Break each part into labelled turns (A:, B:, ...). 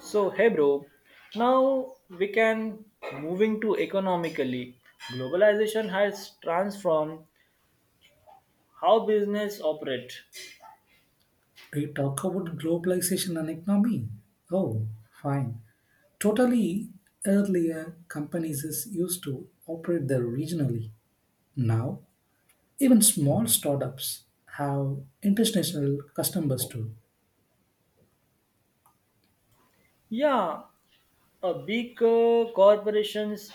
A: So, hey bro, now we can moving to economically. Globalization has transformed how business operate.
B: We talk about globalization and economy. Oh, fine. Totally earlier companies is used to operate there regionally. Now, even small startups have international customers too.
A: Yeah, a big corporations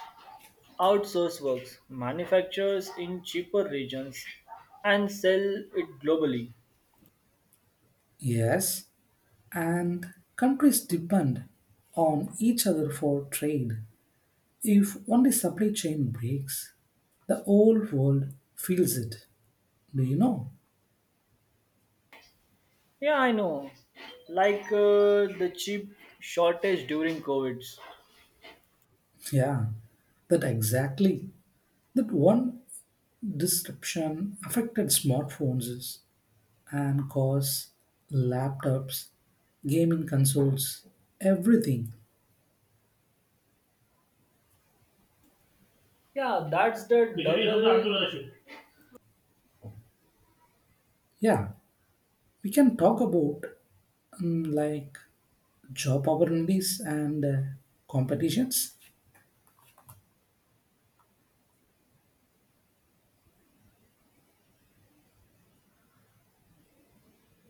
A: outsource works, manufactures in cheaper regions, and sell it globally.
B: Yes, and countries depend on each other for trade. If only supply chain breaks, the whole world feels it. Do you know?
A: Yeah, I know. Like the chip shortage during COVID.
B: Yeah, that exactly. That one disruption affected smartphones and cars, laptops, gaming consoles, everything.
A: Yeah, that's the double.
B: Yeah, we can talk about like job opportunities and competitions.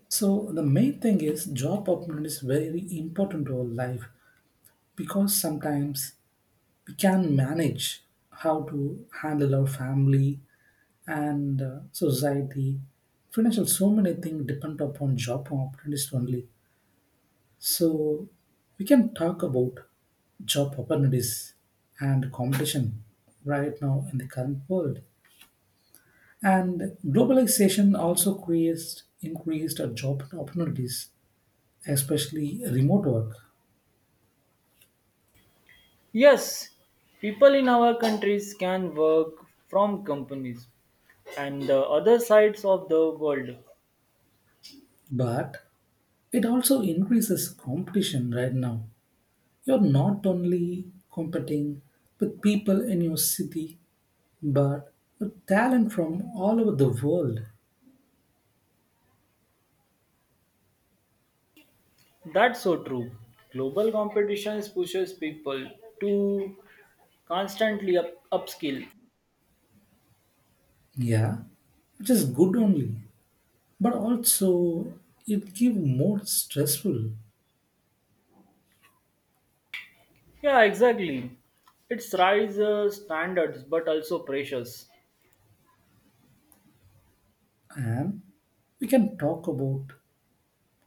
B: So the main thing is job opportunity is very important to our life, because sometimes we can manage how to handle our family and society financial, so many things depend upon job opportunities only. So we can talk about job opportunities and competition right now in the current world. And globalization also creates increased job opportunities, especially remote work,
A: Yes, people in our countries can work from companies and the other sides of the world.
B: but it also increases competition. Right now, you're not only competing with people in your city but talent from all over the world.
A: That's so true. Global competitions pushes people to constantly upskill.
B: Yeah, which is good only, but also it give more stressful.
A: Yeah, exactly. It's rise standards but also pressures.
B: And we can talk about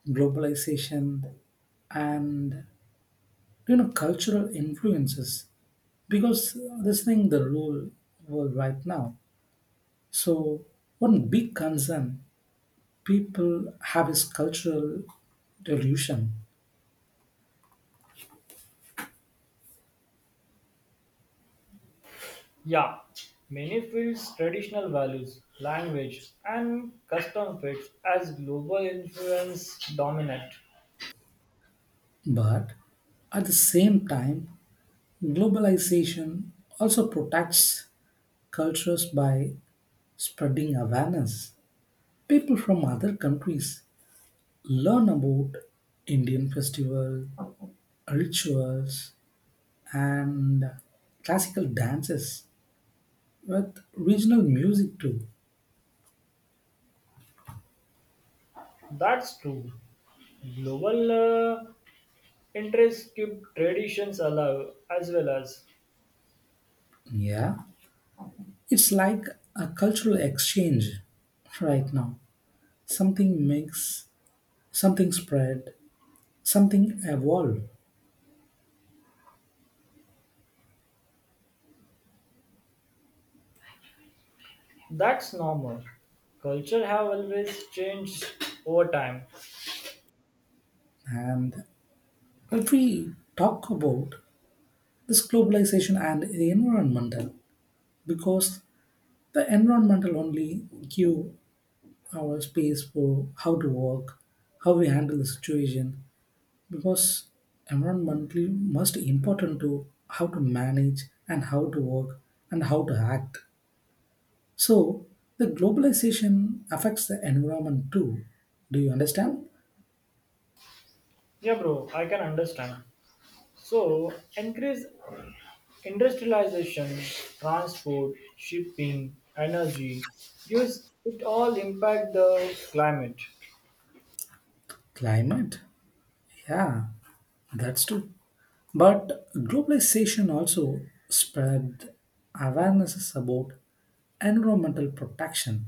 B: globalization and, you know, cultural influences, because this thing the rule world right now. So one big concern people have is cultural revolution.
A: Yeah, many fields traditional values, language, and custom fits as global influence dominate.
B: But at the same time, globalization also protects cultures by spreading awareness. People from other countries learn about Indian festivals, rituals, and classical dances with regional music too.
A: That's true. Global interests keep traditions alive as well as
B: Yeah, it's like a cultural exchange right now. Something makes, something spread, something evolve.
A: that's normal. Culture have always changed over time.
B: And if we talk about this globalization and the environmental, because the environmental only give our space for how to work, how we handle the situation, because environmentally most important to how to manage and how to work and how to act. So the globalization affects the environment too. Do you understand?
A: Yeah bro, I can understand. So increase industrialization, transport, shipping, energy use it all impact the climate.
B: Climate, yeah, that's true. But globalization also spread awarenesses about environmental protection.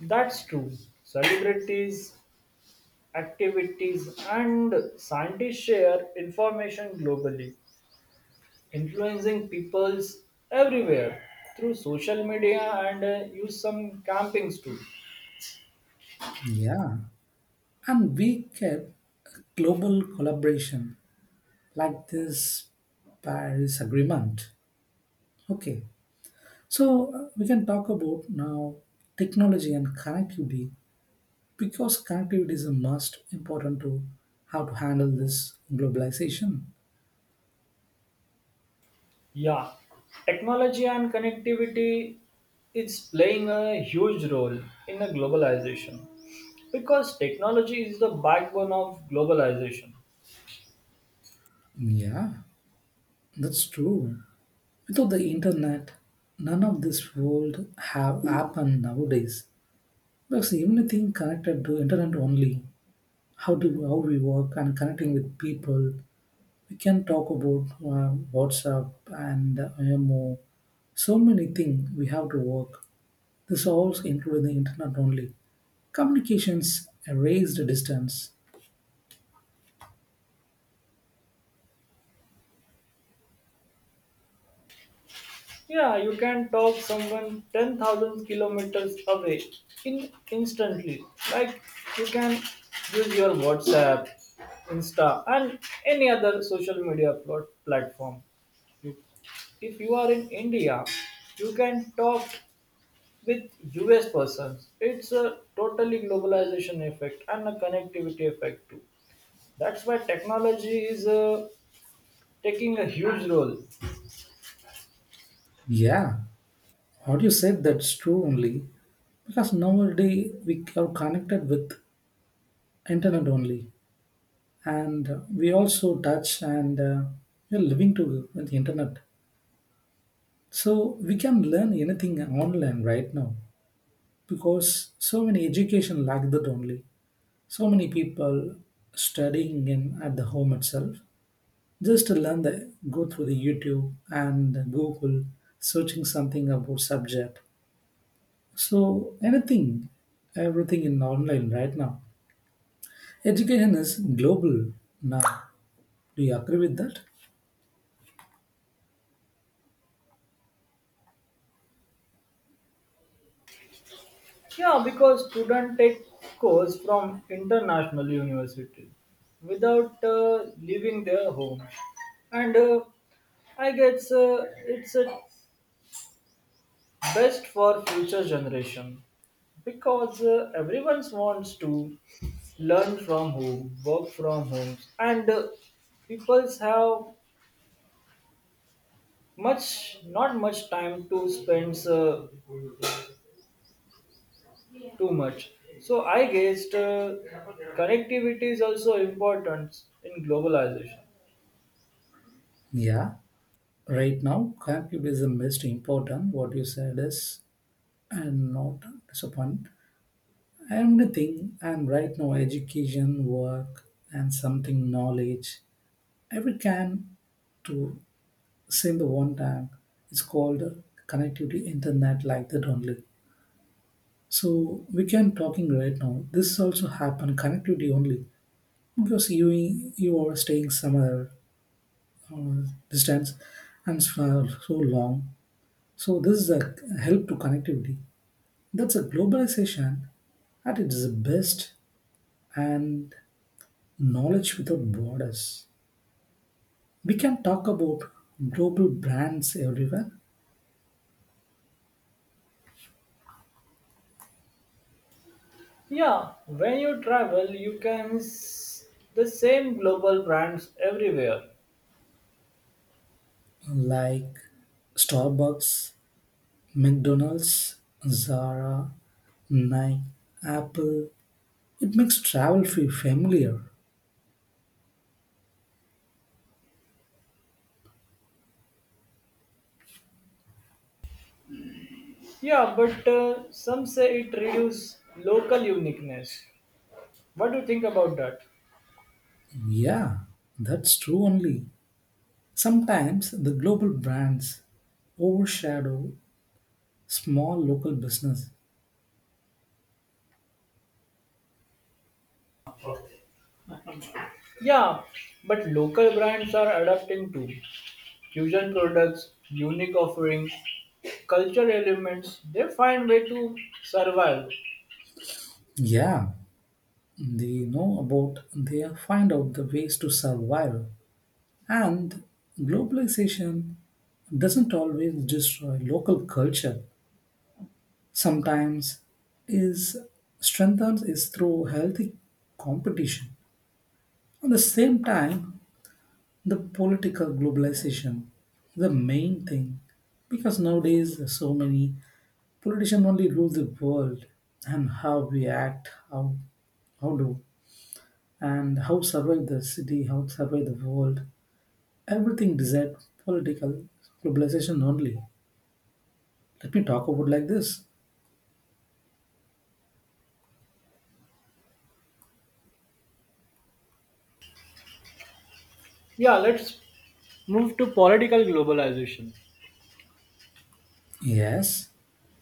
A: That's true. Celebrities, activities and scientists share information globally, influencing peoples everywhere through social media and use some campings too.
B: Yeah, and we get global collaboration like this Paris Agreement. Okay, so we can talk about now technology and connectivity, because connectivity is a must important to how to handle this globalization.
A: Yeah, technology and connectivity is playing a huge role in the globalization because technology is the backbone of globalization.
B: Yeah, that's true. Without the internet, none of this would have happened nowadays. Because everything connected to internet only. How do how we work and connecting with people. We can talk about WhatsApp and IMO. So many things we have to work. This also included the internet only. Communications erased distance.
A: Yeah, you can talk someone 10,000 kilometers away in instantly. Like you can use your WhatsApp, Insta, and any other social media platform. You- If you are in India, you can talk with US persons. It's a totally globalization effect and a connectivity effect too. That's why technology is taking a huge role.
B: Yeah, what you said that's true only. Because nowadays we are connected with internet only. And we also touch and we're living to with the internet, so we can learn anything online right now, because so many education lack that only. So many people studying in at the home itself, just to learn the go through the youtube and google, searching something about subject. So anything, everything in online right now. Education is global now. Do you agree with that?
A: Yeah, because students take course from international university without leaving their home, and I guess it's best for future generation because everyone wants to learn from home, work from home, and people have much not much time to spend too much. So I guessed connectivity is also important in globalization.
B: Yeah. Right now, computism is important. What you said is, and not disappoint. Everything and right now, education, work, and something knowledge, every can to same the one time. It's called connectivity internet like that only. So we can talking right now. This also happen connectivity only, because you are staying somewhere distance and for so long. So this is a help to connectivity. That's a globalization at its best, and knowledge without borders. We can talk about global brands everywhere
A: Yeah, when you travel, you can the same global brands everywhere.
B: like Starbucks, McDonald's, Zara, Nike, Apple. It makes travel feel familiar.
A: Yeah, but some say it reduces local uniqueness. What do you think about that?
B: Yeah, that's true only. Sometimes the global brands overshadow small local business.
A: Yeah, but local brands are adapting to fusion products, unique offerings, culture elements. They find way to survive.
B: Yeah, they know about, they find out the ways to survive. And globalization doesn't always destroy local culture. Sometimes is strengthens is through healthy competition. At the same time, the political globalization, the main thing, because nowadays there's so many politicians only rule the world, and how we act, how do and how survive the city, how survive the world. Everything desired political globalization only. Let me talk about like this.
A: Yeah, let's move to political globalization.
B: Yes,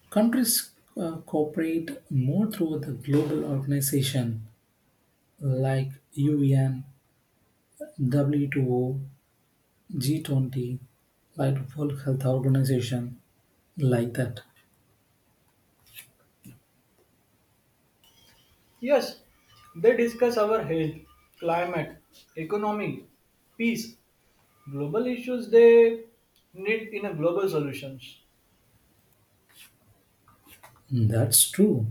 B: countries cooperate more through the global organization like UN, W2O, 20, like World Health Organization, like that.
A: Yes, they discuss our health, climate, economy, peace, global issues they need in a global solutions.
B: That's true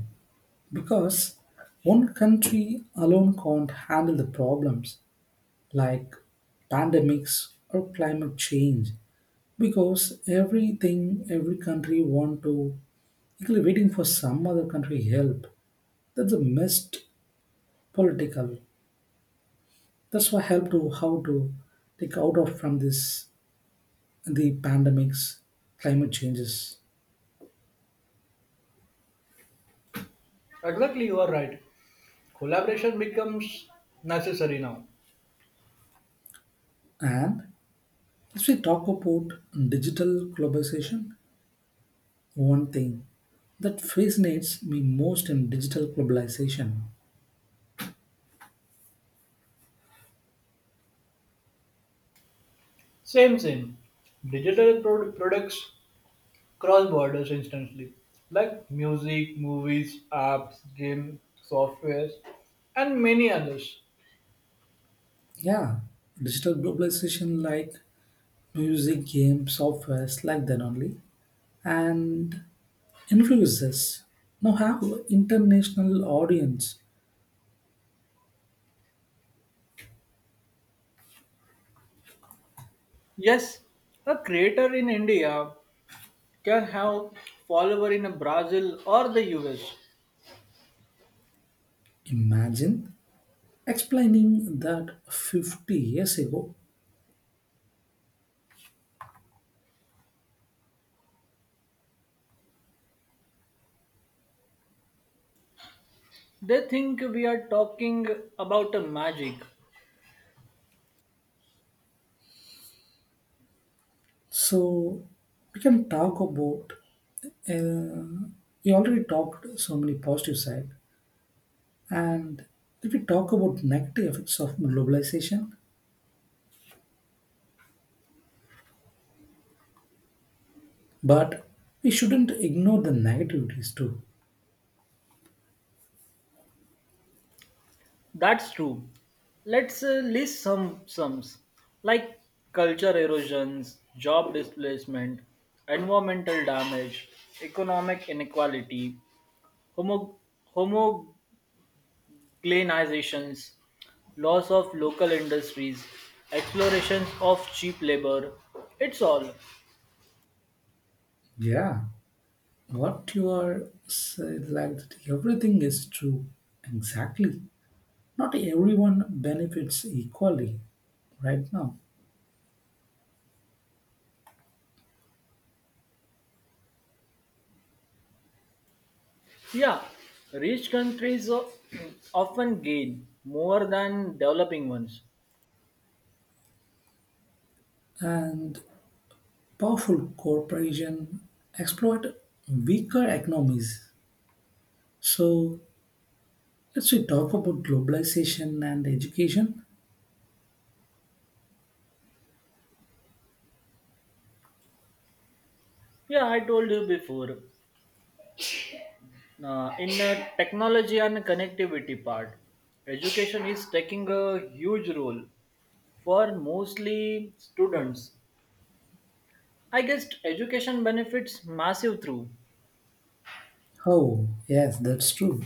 B: because one country alone can't handle the problems, like pandemics or climate change, because everything every country want to equally waiting for some other country help. That's the most political. That's why help to how to take out of from this the pandemics, climate changes.
A: Exactly, you are right. Collaboration becomes necessary now.
B: And if we talk about digital globalization, one thing that fascinates me most in digital globalization.
A: Same, same. Digital products cross borders instantly, like music, movies, apps, game, softwares, and many others.
B: Yeah, digital globalization like music, games, softwares like that only, and influences. Now have international audience.
A: Yes, a creator in India can have follower in Brazil or the US.
B: Imagine explaining that 50 years ago.
A: They think we are talking about a magic.
B: So we can talk about. Uh, we already talked so many positive side, and if we talk about negative effects of globalization, but we shouldn't ignore the negativities too.
A: That's true. Let's list some sums like culture erosions, job displacement, environmental damage, economic inequality, homo- homogenizations, loss of local industries, explorations of cheap labor. It's all.
B: Yeah. What you are said like that everything is true. Exactly. Not everyone benefits equally right now.
A: Yeah, rich countries often gain more than developing ones.
B: And powerful corporations exploit weaker economies. So let's we talk about globalization and education.
A: Yeah, I told you before. In the technology and connectivity part, education is taking a huge role for mostly students. I guess education benefits massive through.
B: Oh, yes, that's true.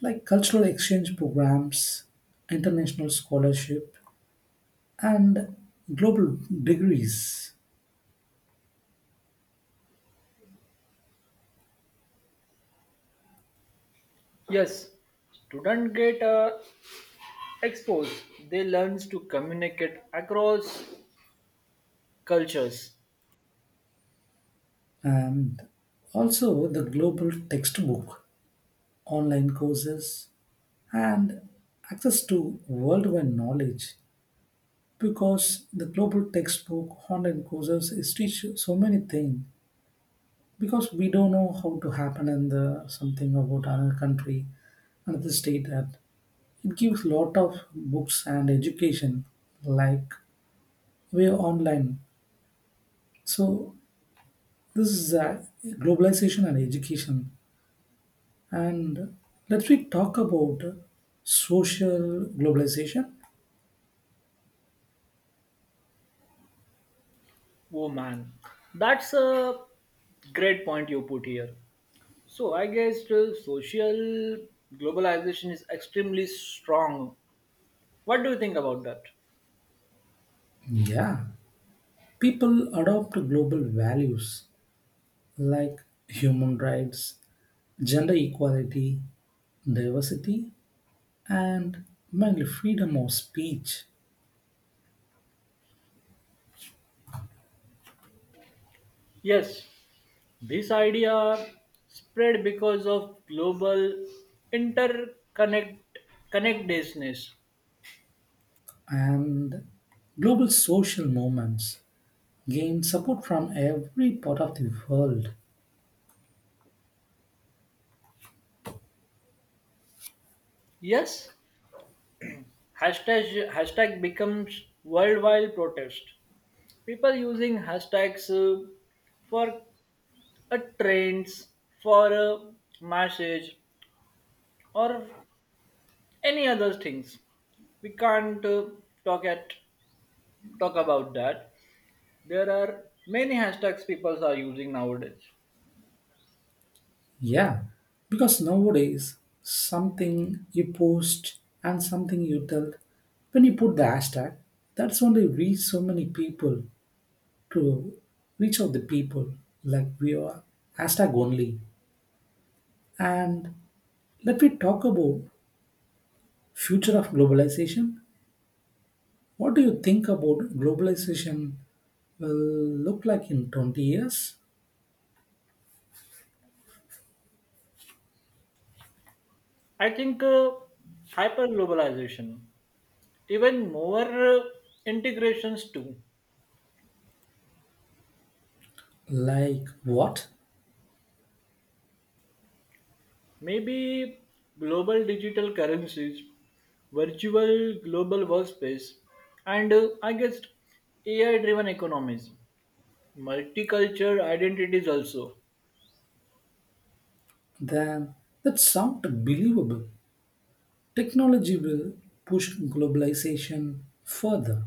B: Like cultural exchange programs, international scholarship, and global degrees.
A: Yes, students get exposed. They learns to communicate across cultures.
B: And also the global textbook, online courses, and access to worldwide knowledge. Because the global textbook, online courses is teach so many things. Because we don't know how to happen in the something about another country, another state. That it gives lot of books and education like we are online. So this is globalization and education. And let me talk about social globalization.
A: Oh man, that's a great point you put here. So I guess social globalization is extremely strong. What do you think about that?
B: Yeah, people adopt global values like human rights, gender equality, diversity, and mainly freedom of speech.
A: Yes, this idea spread because of global interconnect connectedness.
B: And global social movements gain support from every part of the world.
A: Yes, hashtag hashtag becomes worldwide protest. People using hashtags for a trends, for a message, or any other things we can't talk at talk about that. There are many hashtags people are using nowadays.
B: Yeah, because nowadays something you post and something you tell, when you put the hashtag, that's only reach so many people to reach out the people like we are hashtag only. And let me talk about future of globalization. What do you think about globalization will look like in 20 years?
A: I think hyperglobalization, even more uh, integrations too.
B: Like what?
A: Maybe global digital currencies, virtual global workspace, and I guess AI driven economies, multicultural identities also.
B: Then that sounds believable. Technology will push globalization further,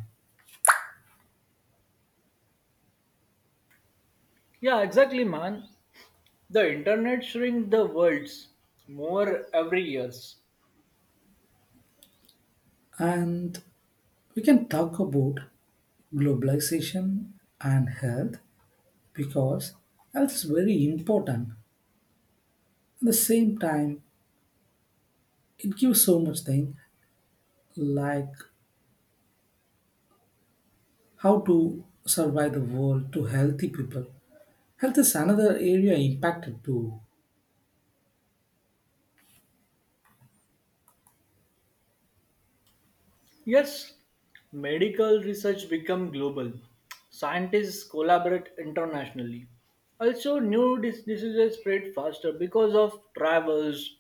A: Yeah, exactly, man. The internet shrink the worlds more every years.
B: and we can talk about globalization and health, because health is very important. At the same time, it gives so much thing like how to survive the world to healthy people. Health is another area impacted too.
A: Yes, medical research become global. Scientists collaborate internationally. Also, new diseases spread faster because of travels,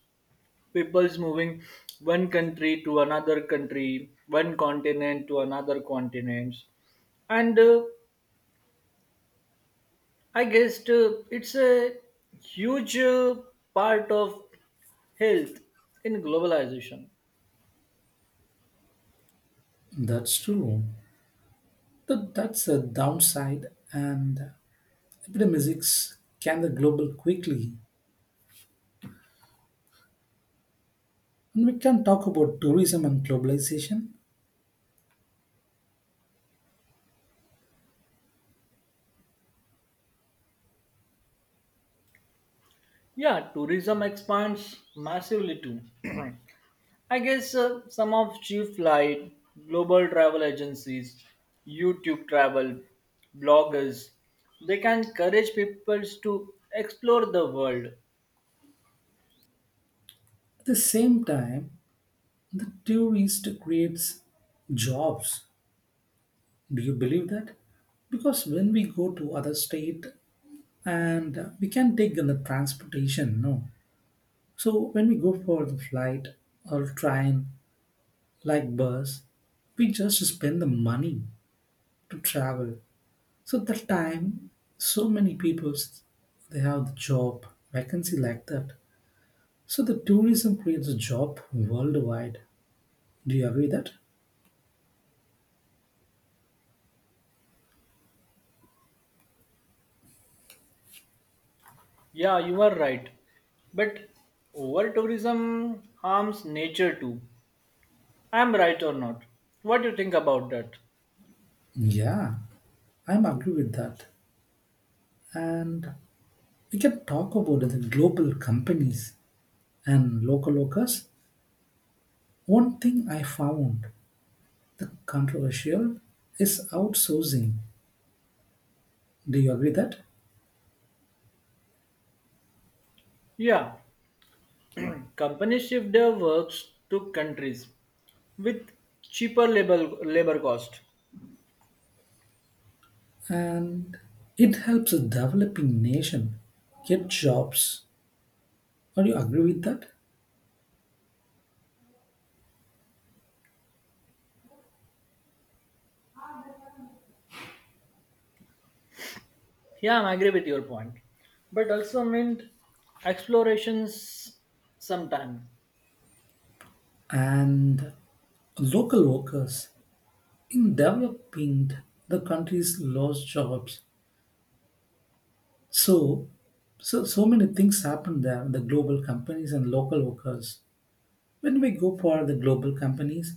A: people's moving one country to another country, one continent to another continent. And I guess it's a huge part of health in globalization.
B: That's true. That's a downside, and epidemics can the global quickly. And we can talk about tourism and globalization.
A: Yeah, tourism expands massively too. I guess some of cheap flight, global travel agencies, YouTube travel, bloggers, they can encourage people to explore the world.
B: At the same time, the tourist creates jobs. Do you believe that? Because when we go to other state and we can take the transportation, no. So when we go for the flight or train, like bus, we just spend the money to travel. So that time, so many people they have the job vacancy like that. So the tourism creates a job worldwide. Do you agree that?
A: Yeah, you are right. But over tourism harms nature too. I'm right or not? What do you think about that?
B: Yeah, I'm agree with that. And we can talk about the global companies and local workers. One thing I found the controversial is outsourcing. Do you agree that?
A: Yeah, companies shift their works to countries with cheaper labor cost.
B: And it helps a developing nation get jobs. Do you agree with that?
A: Yeah, I agree with your point. But also meant explorations sometime.
B: And local workers in developing the countries lost jobs. So so so many things happen there the global companies and local workers. When we go for the global companies,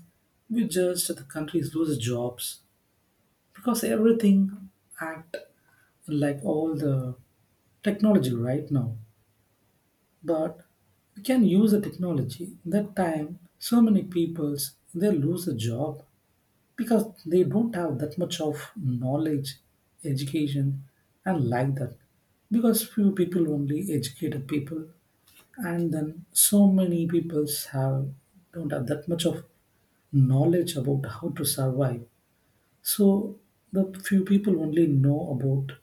B: we just the countries lose jobs, because everything act like all the technology right now. But we can use the technology that time, so many peoples they lose a job, because they don't have that much of knowledge, education, and like that. Because few people only educated people, and then so many people have don't have that much of knowledge about how to survive. So the few people only know about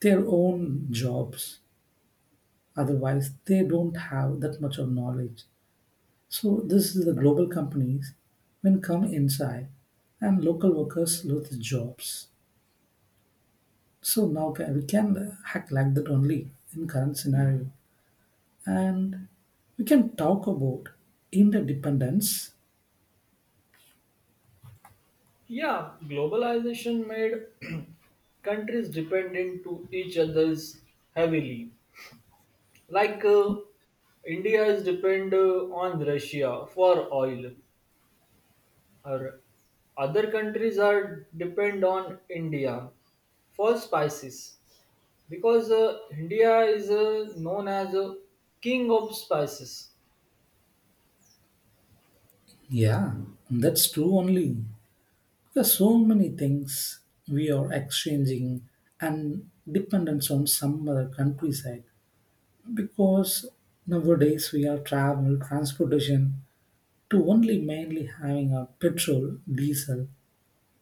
B: their own jobs. Otherwise, they don't have that much of knowledge. So this is the global companies when come inside and local workers lose jobs. So now we can act like that only in current scenario, and we can talk about interdependence.
A: Yeah, globalization made countries dependent to each other's heavily. Like India is depend on Russia for oil, or other countries are depend on India for spices because India is known as a king of spices.
B: Yeah, that's true only, because so many things we are exchanging and dependence on some other countryside. Because nowadays we are travel transportation to only mainly having a petrol diesel.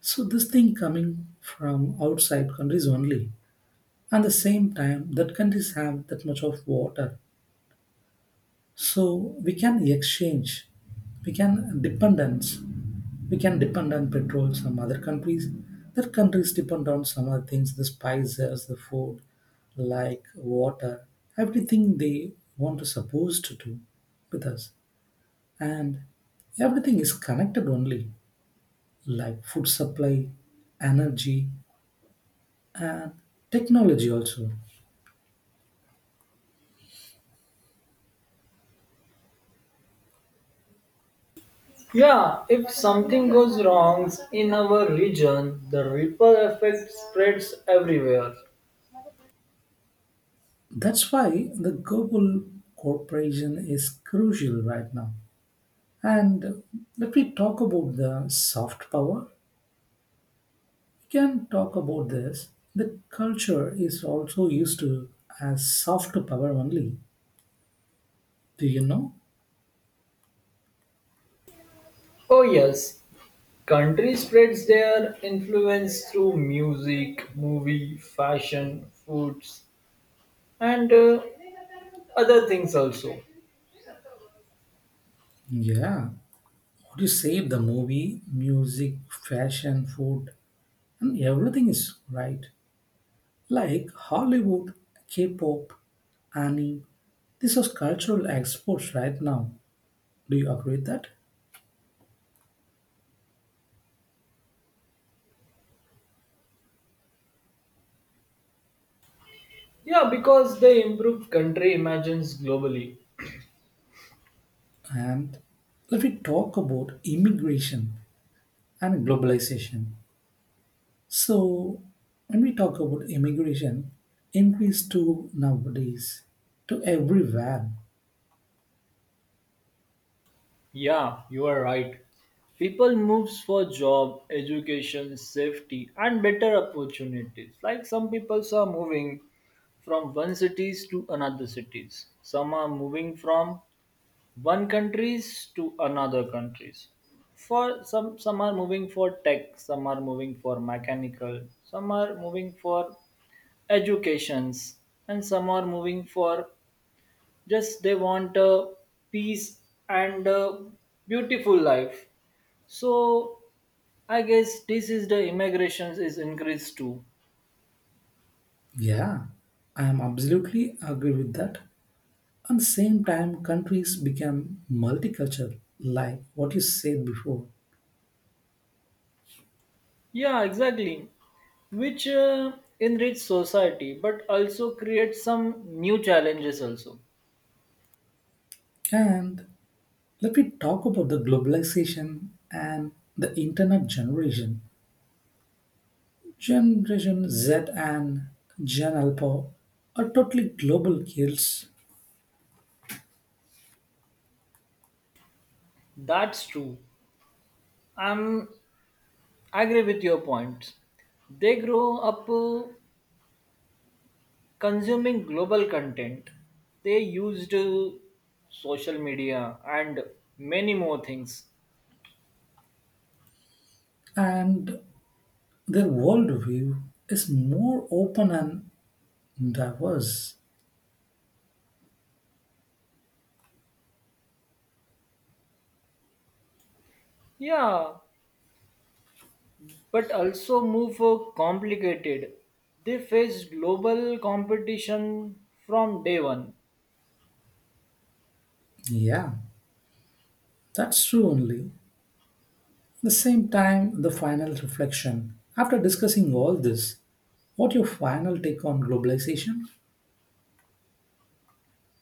B: So this thing coming from outside countries only. At the same time, that countries have that much of water, so we can exchange, we can dependence, we can depend on petrol some other countries. That countries depend on some other things, the spices, the food, like water, everything they want to supposed to do with us. And everything is connected only, like food supply, energy, technology also.
A: Yeah, if something goes wrong in our region, the ripple effect spreads everywhere.
B: That's why the global cooperation is crucial right now. And let me talk about the soft power. We can talk about this. The culture is also used to as soft power only. Do you know?
A: Oh, yes, country spreads their influence through music, movie, fashion, foods, and other things also.
B: Yeah. What you say, the movie, music, fashion, food, and everything is right. Like Hollywood, K-pop, anime. These are cultural exports right now. Do you agree with that?
A: Yeah, because the improved country imagines globally.
B: And if we talk about immigration and globalization, so when we talk about immigration, increase to nowadays to everywhere.
A: Yeah, you are right. People moves for job, education, safety, and better opportunities. Like some people are moving from one cities to another cities. Some are moving from one countries to another countries. For some are moving for tech, some are moving for mechanical, some are moving for educations, and some are moving for just they want a peace and a beautiful life. So I guess this is the immigrations is increased too.
B: Yeah, I am absolutely agree with that. And same time, countries become multicultural, like what you said before.
A: Yeah, exactly, which enrich society but also create some new challenges also.
B: And let me talk about the globalization and the internet generation. Generation Z and Gen Alpha are totally global kids,
A: That's true. i'm I agree with your point. They grow up consuming global content. They used social media and many more things.
B: and their worldview is more open and diverse.
A: Yeah, but also move complicated. They faced global competition from day one.
B: Yeah, that's true only. At the same time, the final reflection. After discussing all this, what your final take on globalization?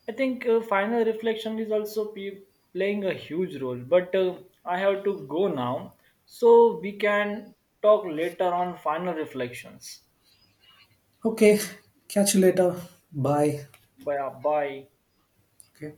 A: I think final reflection is also playing a huge role, but I have to go now, so we can talk later on final reflections.
B: Okay, catch you later. Bye.
A: Bye. Bye.
B: Okay.